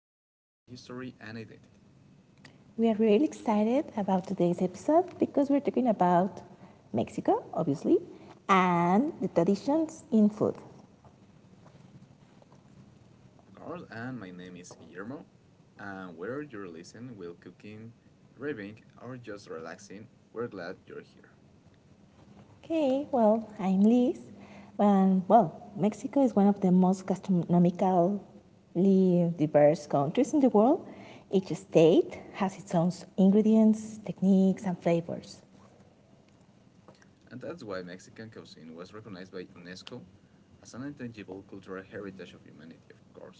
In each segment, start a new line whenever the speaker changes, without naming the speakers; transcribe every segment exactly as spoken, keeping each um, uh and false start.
into culture, history, and identity.
We are really excited about today's episode because we're talking about Mexico, obviously, and the traditions in food.
Of course, and my name is Guillermo, and whether you're listening while cooking, driving, or just relaxing, we're glad you're here.
Okay, well, I'm Liz. And well, Mexico is one of the most gastronomically diverse countries in the world. Each state has its own ingredients, techniques, and flavors.
And that's why Mexican cuisine was recognized by UNESCO as an intangible cultural heritage of humanity, of course.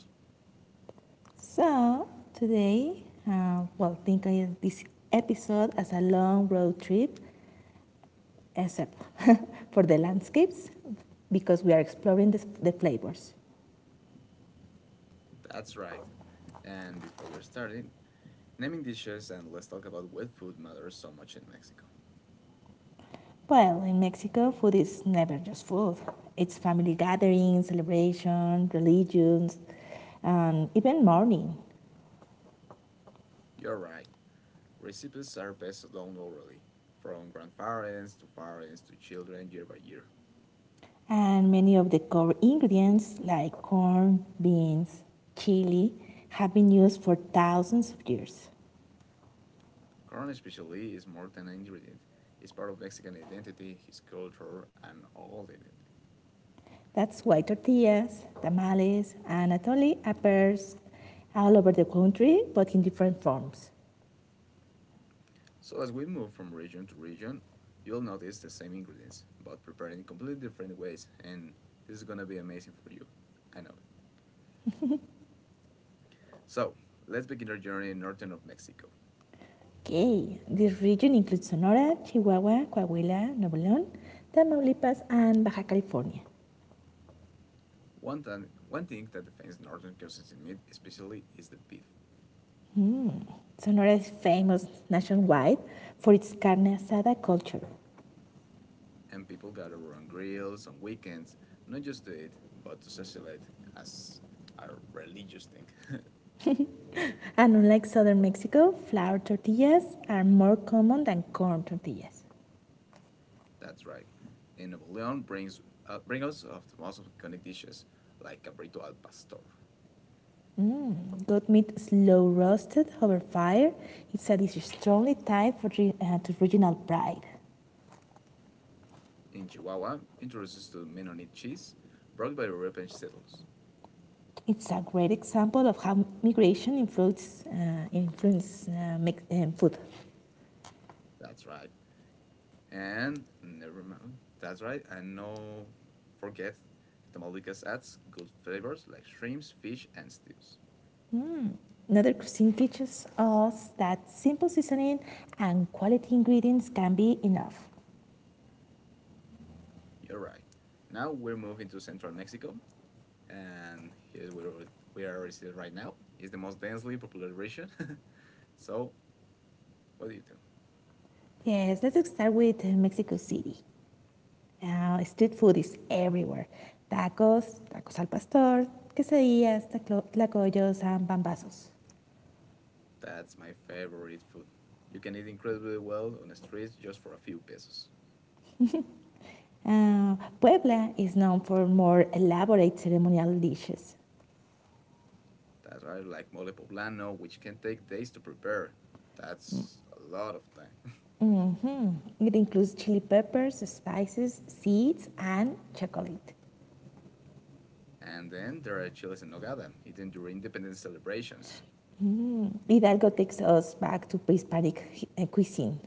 So today, uh, well, think of this episode as a long road trip except for the landscapes, because we are exploring the, the flavors.
That's right. And before we're starting, naming dishes and let's talk about why food matters so much in Mexico.
Well, in Mexico, food is never just food. It's family gatherings, celebration, religions, and even mourning.
You're right. Recipes are passed down orally, from grandparents to parents to children year by year.
And many of the core ingredients, like corn, beans, chili, have been used for thousands of years.
Corn especially is more than an ingredient. It's part of Mexican identity, his culture, and all identity.
That's why tortillas, tamales, and atole appears all over the country, but in different forms.
So as we move from region to region, you'll notice the same ingredients, but prepared in completely different ways, and this is gonna be amazing for you. I know it. So let's begin our journey in northern of Mexico.
Okay, this region includes Sonora, Chihuahua, Coahuila, Nuevo León, Tamaulipas, and Baja California.
One, th- one thing that defines northern cuisines in meat especially is the beef,
Sonora is famous nationwide for its carne asada culture.
and people gather on grills on weekends, not just to eat, but to socialize as a religious thing.
And unlike southern Mexico, flour tortillas are more common than corn tortillas.
That's right. And Nuevo Leon brings uh, bring us of the most iconic dishes like cabrito al pastor.
Mm, goat meat slow roasted over fire. It's a dish strongly tied for uh, to regional pride.
In Chihuahua, introduces to Mennonite cheese brought by European settlers.
It's a great example of how migration influence, uh, influence uh, uh, food.
That's right. And never mind. That's right. And no forget the Tamaulipas adds good flavors like shrimps, fish, and stews.
Mm. Another cuisine teaches us that simple seasoning and quality ingredients can be enough.
You're right. Now we're moving to central Mexico and here we are, we are already seated right now. It's the most densely populated region. So, what do you do?
Yes, let's start with Mexico City. Uh, street food is everywhere: tacos, tacos al pastor, quesadillas, taclo- tlacoyos, and bambazos.
That's my favorite food. You can eat incredibly well on the streets just for a few pesos.
Uh, Puebla is known for more elaborate ceremonial dishes.
That's right, like mole poblano, which can take days to prepare. That's a lot of time.
It includes chili peppers, spices, seeds, and chocolate.
And then there are chiles en nogada, eaten during independence celebrations.
Hidalgo takes us back to pre Hispanic uh, cuisine.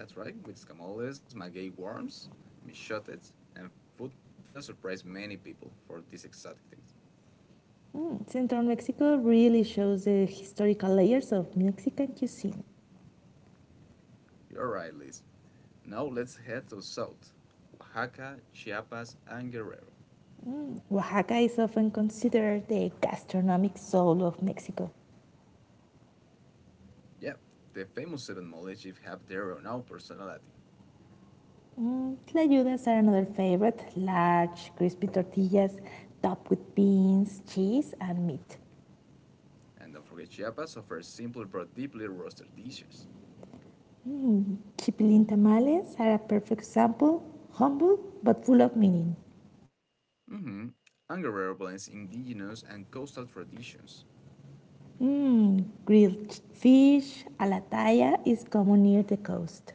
That's right, with escamoles, maguey worms, michotes, and food that surprised many people for these exotic things.
Mm, Central Mexico really shows the historical layers of Mexican cuisine.
You're right, Liz. Now let's head to South, Oaxaca, Chiapas, and Guerrero.
Oaxaca is often considered the gastronomic soul of Mexico.
Yep, the famous seven mole chiefs have their own out personality.
Mm, tlayudas are another favorite: large, crispy tortillas topped with beans, cheese, and meat.
And don't forget Chiapas offers simple but deeply roasted dishes.
Chipilin tamales are a perfect example, humble but full of meaning.
Mm-hmm. And Guerrero blends indigenous and coastal traditions.
Mm, grilled ch- fish, a la talla, is common near the coast.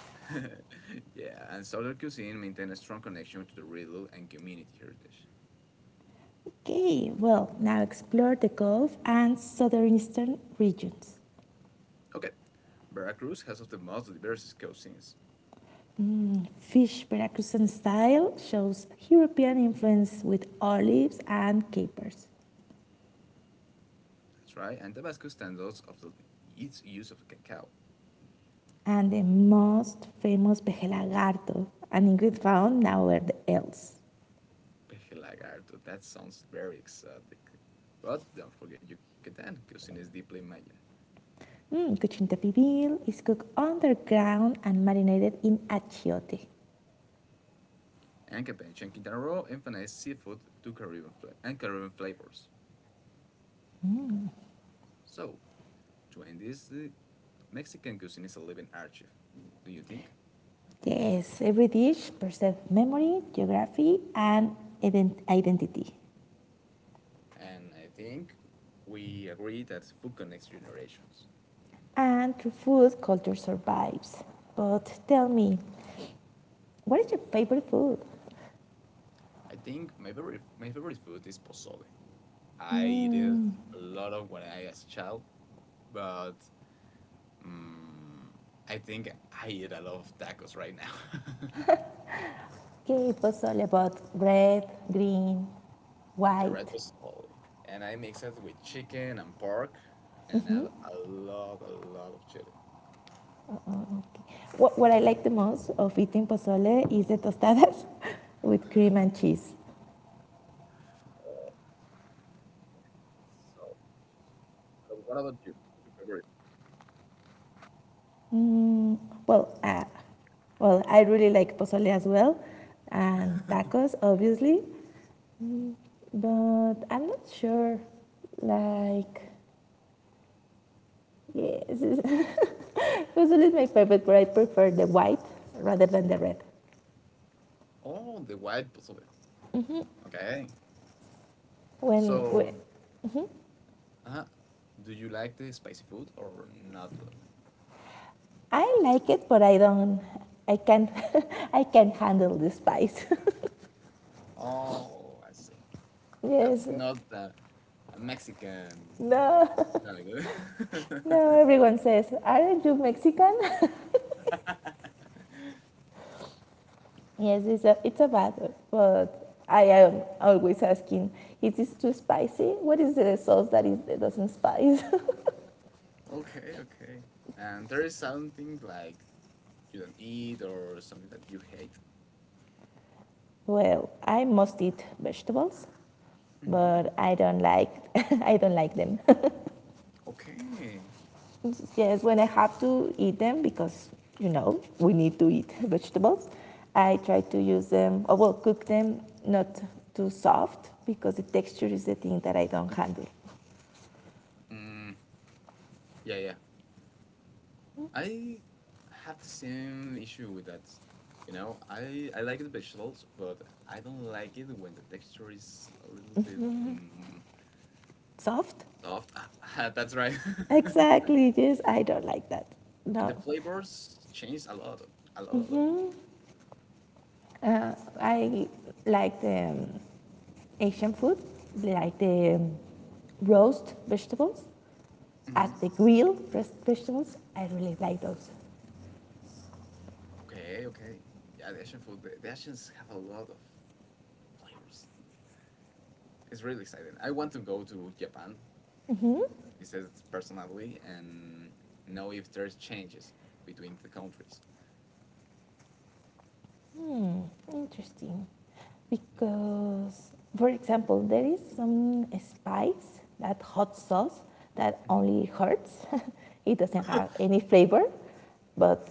Yeah, and Southern cuisine maintains a strong connection to the regional and community heritage.
Okay, well, now explore the Gulf and southeastern regions.
Okay, Veracruz has of the most diverse cuisines.
Fish Veracruzan style shows European influence with olives and capers.
That's right, and Tabasco stands out of the, its use of cacao.
And the most famous, pejelagarto, an ingredient found nowhere else.
Peje lagarto, that sounds very exotic. But don't forget Yucatan, cuisine is deeply Mayan.
Mm, cochinita pibil is cooked underground and marinated in achiote.
And Campeche and Quintana Roo emphasize seafood to Caribbean fla- and Caribbean flavors. So, to end this, the Mexican cuisine is a living archive. Do you think?
Yes, every dish preserves memory, geography, and ident- identity.
And I think we agree that food connects generations.
And through food, culture survives. But tell me, what is your favorite food?
I think my favorite my favorite food is pozole. I eat it
Mm,
a lot of when I was a child, but Mm, I think I eat a lot of tacos right now.
okay, it was all about red, green,
The red
white.
pozole, and I mix it with chicken and pork and add a lot, a lot of chili.
Okay. What, what I like the most of eating pozole is the tostadas with cream and cheese.
So but what about you? What's your favorite?
Mm, well, uh, well, I really like pozole as well, and tacos, obviously. Mm, but I'm not sure, like, yes. Usually is my favorite, but I prefer the white rather than the red.
Oh, the white pozole. Okay.
When,
So,
when
uh, do you like the spicy food or not? Really?
I like it, but I don't. I can't. I can't handle the spice.
Oh, I see.
Yes.
That's not a, a Mexican.
No.
Very
No.
good.
Everyone says, "Aren't you Mexican?" Yes, it's a. It's a bad. But I am always asking, "Is this too spicy? What is the sauce that is that doesn't spice?"
Okay, okay. And there is something like you don't eat or something that you hate.
Well, I must eat vegetables,
hmm
but I don't like. I don't like them.
Okay.
Yes, when I have to eat them, because you know we need to eat vegetables, I try to use them, or well, cook them not too soft, because the texture is the thing that I don't handle.
Mm, yeah, yeah. I have the same issue with that. You know, I I like the vegetables, but I don't like it when the texture is a little bit mm,
Soft?
soft. Ah, ah, that's right.
Exactly, yes, I don't like that.
And the
No.
flavors change a lot, a lot, a lot.
Uh, I like the um, Asian food, like the um, roast vegetables, at
hmm
the grill, roast vegetables. I really like those.
Okay, okay. Yeah, the Asian food, the, the Asians have a lot of flavors. It's really exciting. I want to go to Japan, he says personally, and know if there's changes between the countries.
Hmm, interesting.
Yeah.
Because, for example, there is some spice, that hot sauce, that
Mhm.
only hurts. It doesn't have any flavor, but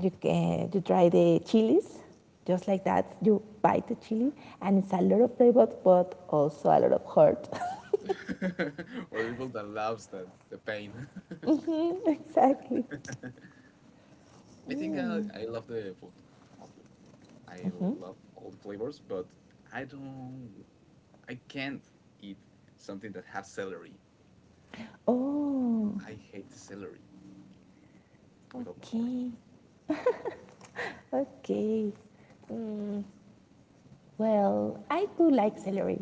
you can you try the chilies just like that. You bite the chili, and it's a lot of flavor, but also a lot of hurt.
For the people that loves the, the pain.
Mhm, exactly.
I think I,
Mm.
I love the food mostly. I love all the flavors, but I don't I can't eat something that has celery.
Oh,
I hate the celery with all my heart.
okay, okay. Mm, well, I do like celery.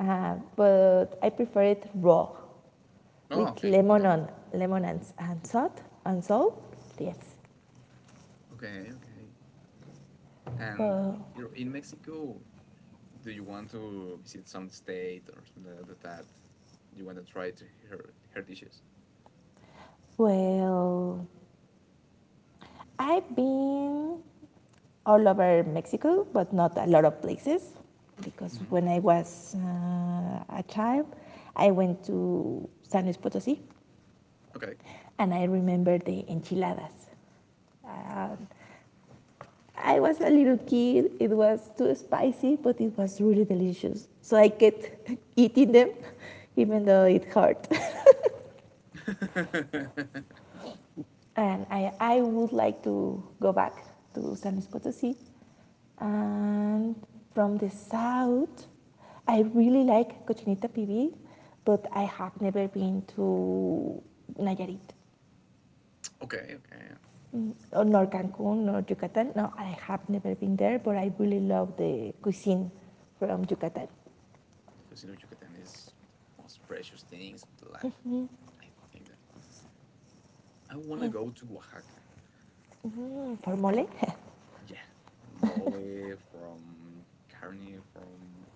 Uh, but I prefer it raw
Oh,
with
okay,
lemon
okay,
on lemon and, and salt and salt. Yes.
okay, okay. And
But,
here in Mexico, do you want to visit some state or something like that? Do you want to try to her her dishes?
well, I've been all over Mexico, but not a lot of places because
hmm
when I was uh, a child, I went to San Luis Potosí
Okay.
and I remember the enchiladas. Um, I was a little kid. It was too spicy, but it was really delicious. So I kept eating them, even though it hurt. And I, I would like to go back to San Luis Potosí. And from the south, I really like Cochinita Pibil, but I have never been to Nayarit.
Okay, okay.
Mm, nor Cancun, nor Yucatan. No, I have never been there, but I really love the cuisine from Yucatan.
Because you know Yucatan is the most precious things of the life. I think that I want to
Yes.
go to Oaxaca.
Mm, for mole?
Yeah, mole from carne from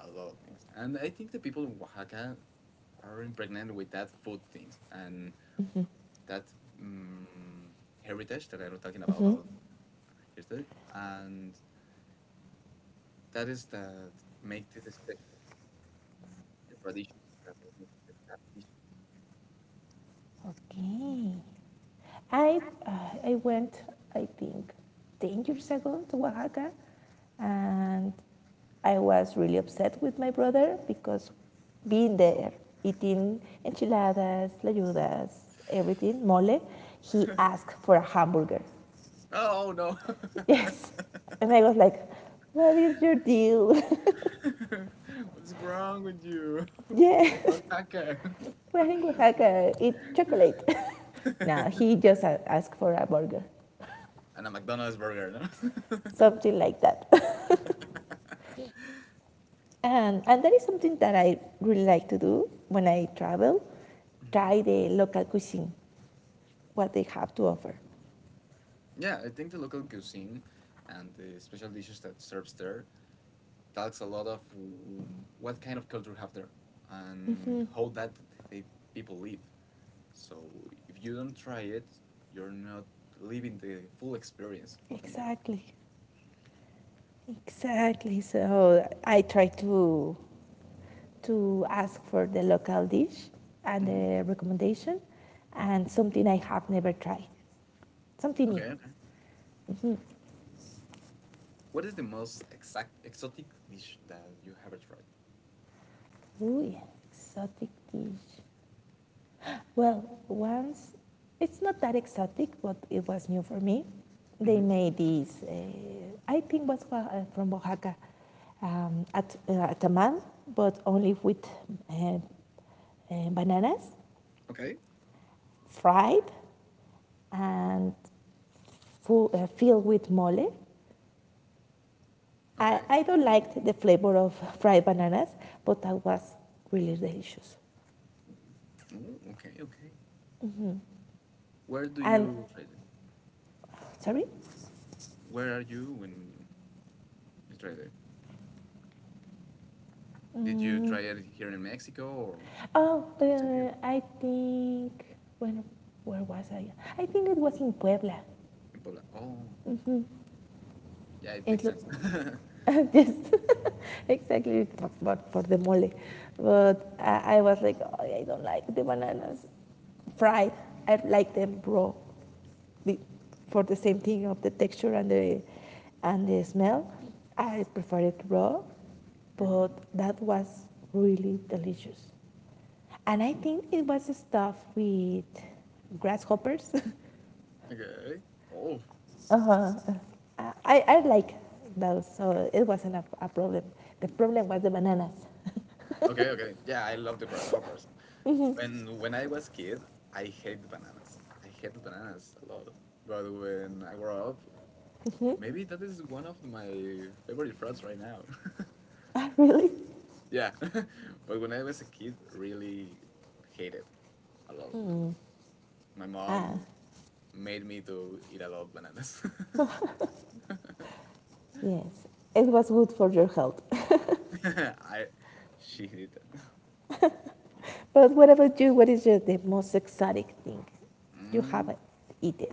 a lot of things, and I think the people of Oaxaca are impregnated with that food things and that mm heritage that I was talking about, our here's the and that is that make this special the traditions that make it
Okay. I, uh, I went, I think, ten years ago to Oaxaca, and I was really upset with my brother because being there, eating enchiladas, layudas, everything, mole, he
that dish.
asked for a hamburger.
Oh no!
Yes. And I was like, what is your deal?
What's wrong with you? We're in
Yes,
Oaxaca.
we're in Oaxaca, eat chocolate. No, he just asked for a burger.
And a McDonald's burger. No?
Something like that. and, and that is something that I really like to do when I travel:
Mhm.
try the local cuisine, what they have to offer.
Yeah, I think the local cuisine and the special dishes that serves there talks a lot of w- what kind of culture have there and how that they people live. So if you don't try it, you're not living the full experience of either.
Exactly, exactly. So I try to, to ask for the local dish and
hmm
the recommendation and something I have never tried, something
Okay,
new.
okay. What is the most exact exotic dish that you ever tried?
Ooh, yeah, exotic dish. Well, once, it's not that exotic, but it was new for me. They
hmm
made these, uh, I think was uh, from Oaxaca, um, at, uh, tamal, but only with uh, uh, bananas,
Okay,
fried, and full, uh, filled with mole. I,
okay.
I don't like the flavor of fried bananas, but that was really delicious.
Oh, okay, okay. Where do
And,
you try it?
sorry?
Where are you when you tried it? Did you
Mm,
try it here in Mexico or
oh,
Sí, sí, digo.
uh, I think when where was I? I think it was in Puebla.
In Puebla? Oh, yeah, it
It
makes
look
sense.
just exactly for, for, the mole, but I, I was like, oh, I don't like the bananas fried. I like them raw for the same thing of the texture and the and the smell. I prefer it raw, but
hmm
that was really delicious. And I think it was stuffed with grasshoppers.
Okay. Oh,
Uh-huh. Uh, I, I like those, so it wasn't a, a problem. The problem was the bananas.
okay, okay. Yeah, I love the grasshoppers. When when I was kid, I hated bananas. I hated bananas a lot. But when I grew up, maybe that is one of my favorite fruits right now.
Ah, really?
Yeah. But when I was a kid, really hated a lot of them.
Mm.
My
Ah,
mom made me to eat a lot of bananas.
yes. It was good for your health.
I she did that.
But what about you? What is your, the most exotic thing you
Mm,
have eaten?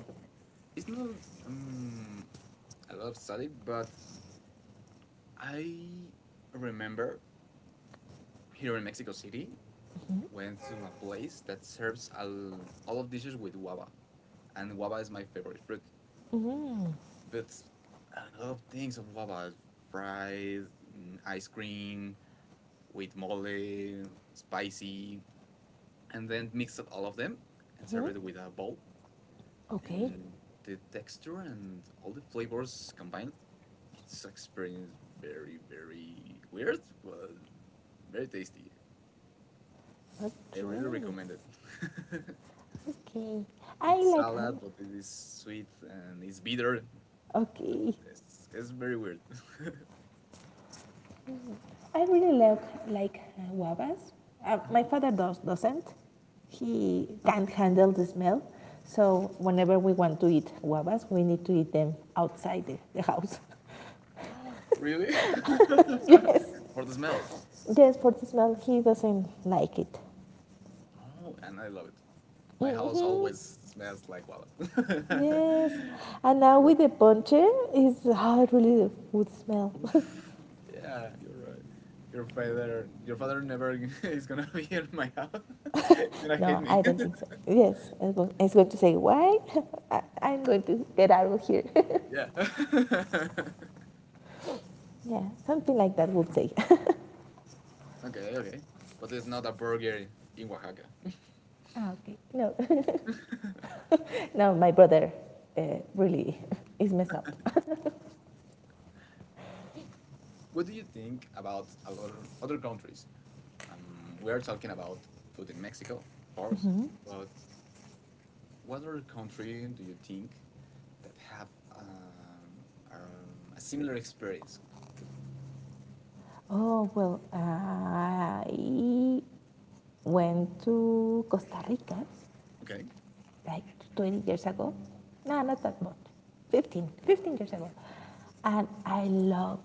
it's not um, a lot of study, but I remember here in Mexico City, went to a place that serves all, all of dishes with guava, and guava is my favorite fruit. But a lot of things of guava, fried, mm, ice cream, with mole, spicy, and then mix up all of them and serve
Mm-hmm.
it with a bowl.
Okay.
And the texture and all the flavors combined, it's experience very very weird, but very tasty. I really
Okay.
recommend it.
Okay. I
It's
like her.
salad, but it is sweet and it's bitter. It's,
Okay.
it's, it's very weird.
I really like, like uh, guavas. Uh, my
Mhm.
father does, doesn't. He can't handle the smell. So whenever we want to eat guavas, we need to eat them outside the, the house.
Really?
Yes,
For the smell.
yes, for the smell, he doesn't like it.
Oh, and I love it. My house
Hmm.
always smells like guavas.
Yes, and now
Your-
with the ponche, is how it really would smell.
oof, yeah, you're right. Your father, your father never is gonna be in my house. He's gonna hate
No,
me.
I don't think so. Yes, it's going to say why. I'm going to get out of here.
Yeah.
Yeah, something like that would say.
Okay, okay. But it's not a burger in Oaxaca.
No, no, my brother uh, really is messed up.
What do you think about other other countries? Um, we are talking about food in Mexico, of course, but what other country do you think that have um, um, a similar experience?
Oh, well, I went to Costa Rica
Okay.
like twenty years ago. No, not that much. Fifteen, fifteen years ago. And I love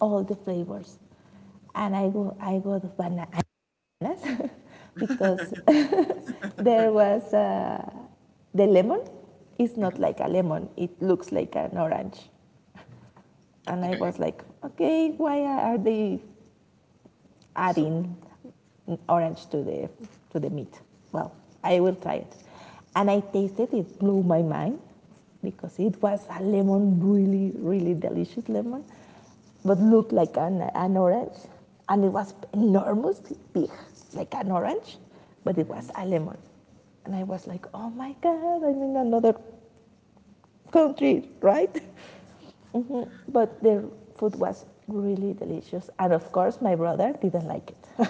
all the flavors. And I go, I go to bananas because there was uh, the lemon. It's not
Mhm.
like a lemon, it looks like an orange. And I
Okay.
was like, okay, why are they
So.
adding orange to the to the meat? Well, I will try it. And I tasted it, blew my mind because it was a lemon, really, really delicious lemon, but looked like an, an orange. And it was enormous, big, like an orange, but it was
Mhm.
a lemon. And I was like, oh my God, I'm in another country, right? Mhm. But the food was really delicious. And of course, my brother didn't like it.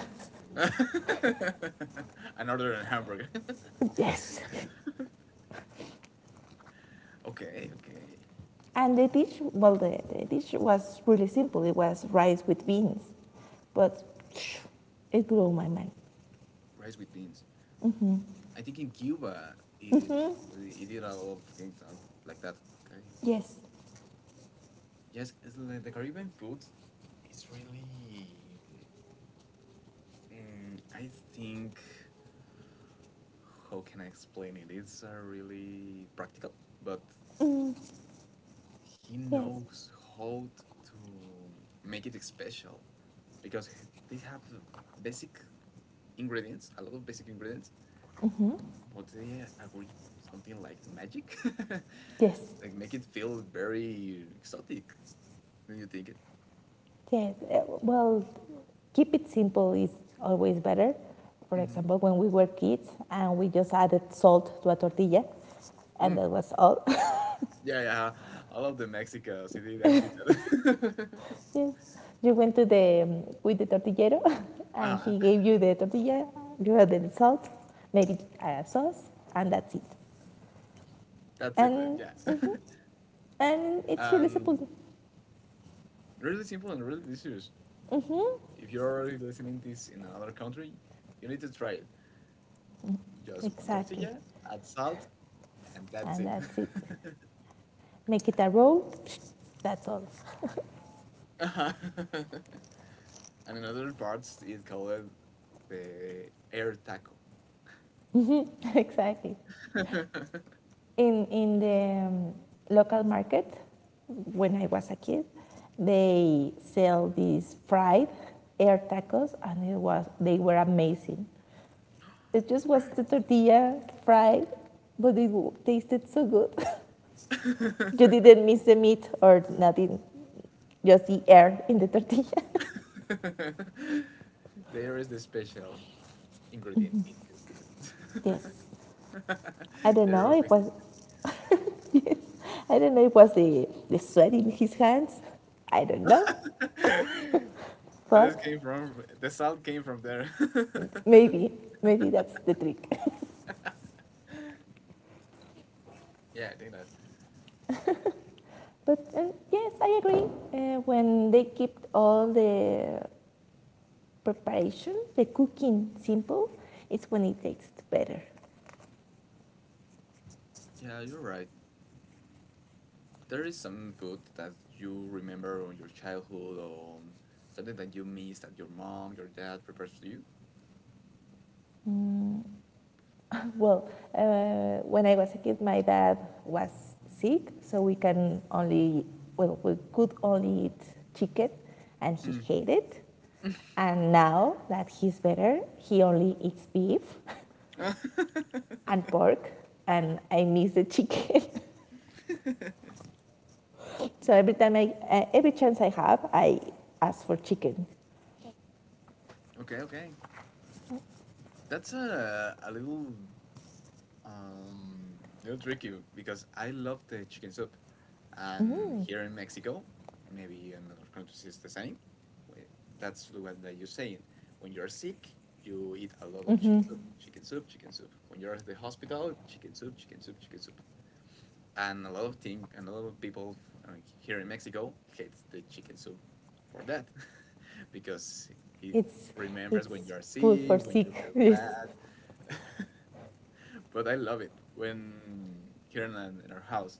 Another hamburger.
Yes.
Okay, okay.
And the dish, well, the, the dish was really simple. It was rice with beans. But it blew my mind.
Rice with beans. I think in Cuba it it did a lot of things uh, like that. Okay.
Yes.
Yes, it's like the Caribbean food. It's really. Mm, I think. How can I explain it? It's uh, really practical, but
Mm,
he
yes.
knows how t- to make it special because h- they have basic ingredients, a lot of basic ingredients,
Mm-hmm.
but they agree something like the magic.
Yes.
Like make it feel very exotic. Do you think it?
Yes. Uh, Well, keep it simple is always better. For
hmm
example, when we were kids and we just added salt to a tortilla, and
Mm.
that was all.
Yeah, yeah. I love the Mexicans. They that. Did that.
Yes. You went to the um, with the tortillero, and he gave
Ah,
you the tortilla. You had the salt, maybe uh, sauce, and that's it.
that's it. uh,
And
Yeah.
mhm, and it's really
And
simple.
really simple and really delicious.
Hmm.
If you're already listening this in another country, you need to try it. Just one
Exactly.
tortilla, add salt, and that's
And
it.
that's it. Make it a roll. That's all.
Uh-huh. And in other parts, it's called the air taco.
Exactly. In in the um, local market, when I was a kid, they sell these fried air tacos, and it was they were amazing. It just was the
Fries.
tortilla fried, but it tasted so good. You didn't miss the meat or nothing, just the air in the tortilla.
The air is the special ingredient in this.
Yes. I don't
They're
know.
all
It was. I don't know. It was the the sweat in his hands. I don't know,
Mexicans. That is
but
came from the salt came from there.
maybe maybe that's the trick.
Yeah, I think that.
But um, yes, I agree. Uh, when they keep all the preparation, the cooking simple, it's when it tastes better.
Yeah, you're right. There is some food that you remember on your childhood or something that you miss that your mom, your dad prepares for you.
Mm. Well, uh, when I was a kid, my dad was sick, so we can only well we could only eat chicken, and he
Mm.
hated it. And now that he's better, he only eats beef and pork, and I miss the chicken. So every time I uh, every chance I have, I ask for chicken.
Okay, okay. That's a a little um little tricky because I love the chicken soup. And here in Mexico, maybe in other countries it's the same. wh- That's the one that you're saying. When you're sick, you eat a lot of
Mm-hmm.
chicken
Mm-hmm.
soup, chicken soup, chicken soup. When you're at the hospital, chicken soup, chicken soup, chicken soup. And a lot of thing, and a lot of people f- uh, here in Mexico hates the chicken soup for that, because it
It's
remembers when you
it's
are
food for
sick, when you
sick.
feel
Yes.
bad. But I love it when here in, in our house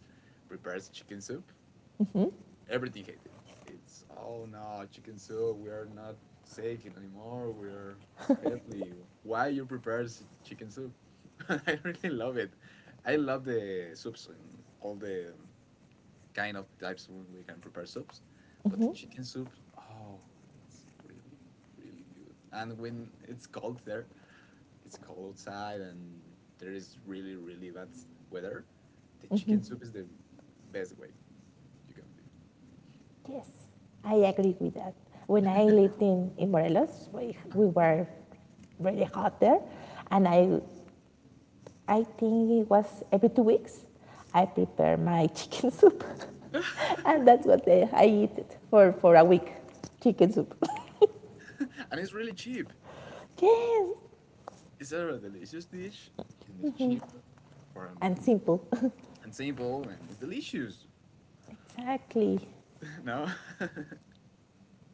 prepares chicken soup
Mhm,
everything hated. It's oh no, chicken soup. We are not Seikin anymore. We are healthy. Why you prepare s- chicken soup? I really love it. I love the soups and all the um, kind of types when we can prepare soups, but the
mhm.
chicken soup, oh, it's really really good. And when it's cold there, it's cold outside, and there is really really bad weather. The chicken soup is the best way you can be.
Yes, I agree with that. When I lived in, in Morelos, we, we were very hot there, and I, I think it was every two weeks I prepare my chicken soup, and that's what I, I eat it for, for a week: chicken soup.
And it's really cheap.
Yes,
It's a delicious dish and it's cheap for
and
um,
simple.
and simple and it's delicious.
Exactly.
No?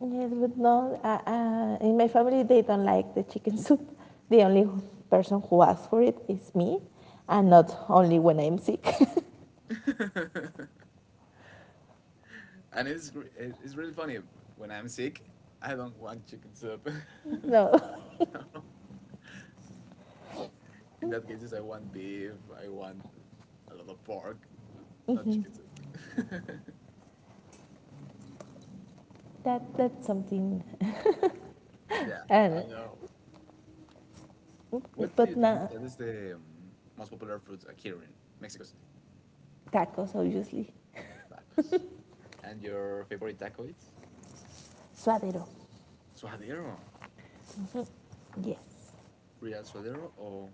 Yes, but no, uh, uh, in my family they don't like the chicken soup. The only person who asks for it is me, and
Mm.
not only when I'm sick.
And it's gr- it- it's really funny. When I'm sick, I don't want chicken soup.
No.
No. In that cases I want beef, I want a lot of pork, not chicken soup.
That that's something,
Yeah, I
and
know. What do
but
you think
not
that is the um, most popular food uh, here in Mexico City?
tacos obviously.
Tacos. And your favorite taco is?
Suadero,
Suadero,
yes.
real suadero or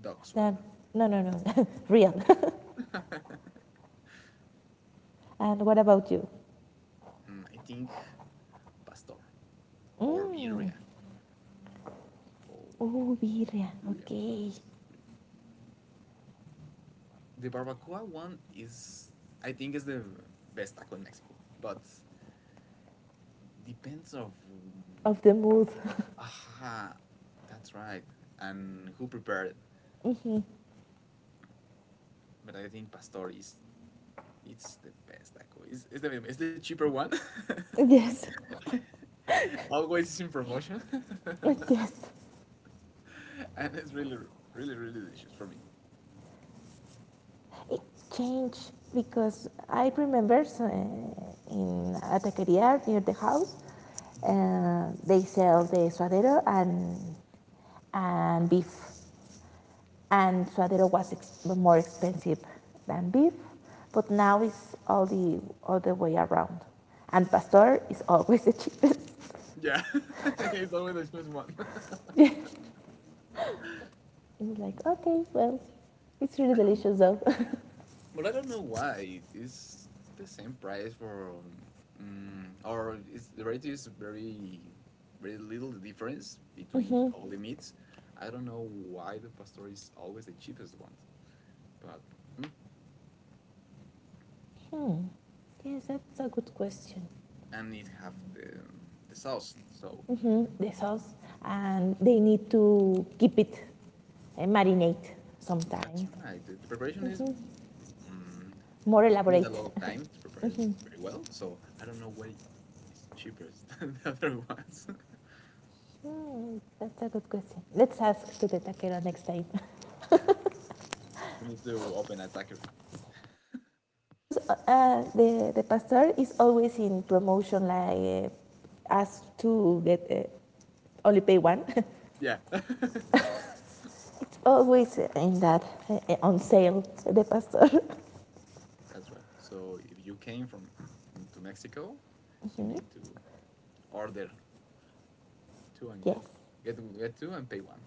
dog
No,
suadero?
no, no, no, real. And what about you?
Mm, I think pastor or
Mm.
birria. Oh yeah,
Oh,
the
birria.
birria one
Okay.
is really. The barbacoa one is, I think, is the best taco in Mexico, but depends of. Mm,
Of the mood.
aha, that's right, and who prepared it.
Hmm.
But I think pastor is. It's the best taco. It's, it's, the, it's the cheaper one.
Yes,
Always in promotion.
yes.
And it's really, really, really delicious for me.
It changed because I remember so, uh, in a taqueria near the house,
Mhm.
uh, they sell the suadero and and beef and suadero was ex- more expensive than beef, but now it's all the all the way around, and pastor is always the cheapest.
Yeah, it's always the expensive one.
It's like okay, well, it's really
I don't,
delicious though.
but I don't know why it's the same price for, um, mm, or it's the rate is very, very little the difference between
Hmm.
all the meats. I don't know why the pastor is always the cheapest one, but mm,
Hmm. Yes, that's a good question.
and it have the the sauce. So
Hmm. The sauce, and they need to keep it uh, marinate
that's
sometime,
right. The, the preparation is.
hmm,
Mm,
more
you need a
elaborate.
lot of time to prepare it very well. So I don't know what is cheapest than the other ones.
Hmm, that's a good question. Let's ask to the taquero next time.
Yeah, we need to open a taquery.
Because uh, uh, the, the pastor is always in promotion, like uh, asked to get uh, only pay one.
Yeah, that's
Always in that, uh, on sale, the pastor.
right. So if you came from to Mexico, you
Mhm.
need to order two and
Yes,
get get get two and pay one.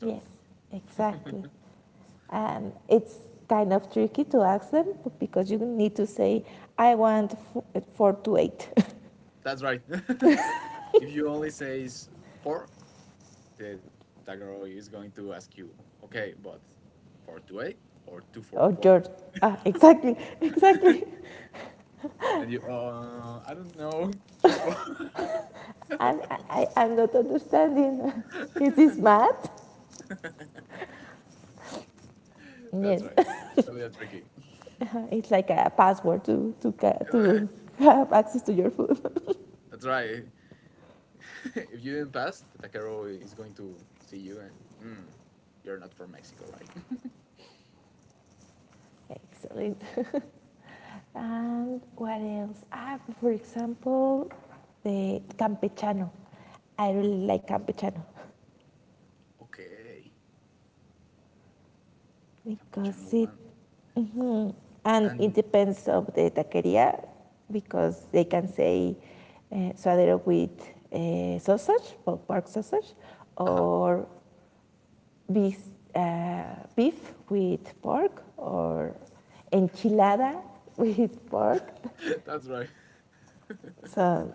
yes, exactly. And it's kind of tricky to ask them because you need to say, I want f- four to eight.
That's right. If you only says four, the Tagaro is going to ask you, okay, but for two eight or two four
Or
four.
George, ah, exactly, exactly.
And you, uh, I don't know, just for.
I'm, I, I'm not understanding. Is this math?
That's
Yes,
right. It's a little tricky.
it's like a password to, to, to have access to your food.
That's right. If you didn't pass, the taquero is going to see you and, mm, you're not from Mexico, right?
Excellent. And what else? Ah, for example, the campechano. I
Mm,
really like campechano
okay. Campechano
because it,
one.
mhm, and it
And,
depends of the taqueria because they can say uh, suadero with uh, sausage, pork sausage,
uh
or beef, uh, beef with pork or enchilada with pork.
That's right.
So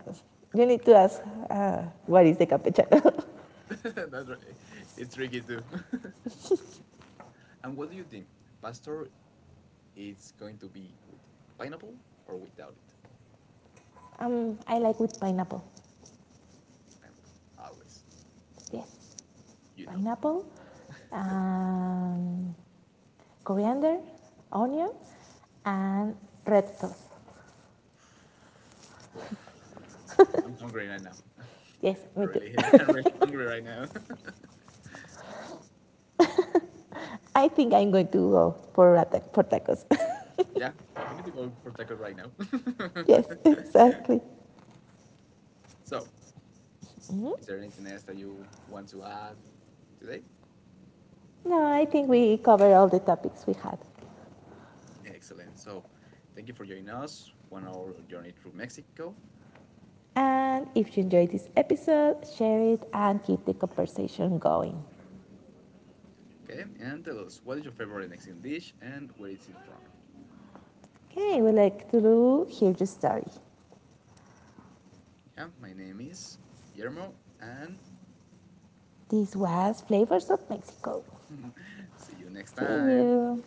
you need to ask uh, what is the campechano.
That's right. It's tricky too. And what do you think? Pastor is going to be with pineapple or without it?
Um, I like with pineapple.
Pineapple, always.
Yes,
You know these.
pineapple, um, coriander, onion, and red sauce.
Oof. I'm hungry right now.
Yes,
I
me too.
really, I'm really hungry right now.
I think I'm going to go for for tacos.
Yeah, we need to go for tacos right now.
Yes, exactly.
So, is there anything else that you want to add today?
No, I think we covered all the topics we had.
Excellent. So, thank you for joining us. One hour journey through Mexico.
And if you enjoyed this episode, share it and keep the conversation going.
Okay, and tell us what is your favorite Mexican dish and where is it from?
Okay, we like to hear your story.
Yeah, my name is Guillermo, and
This was Flavors of Mexico.
see you next
See
time.
you.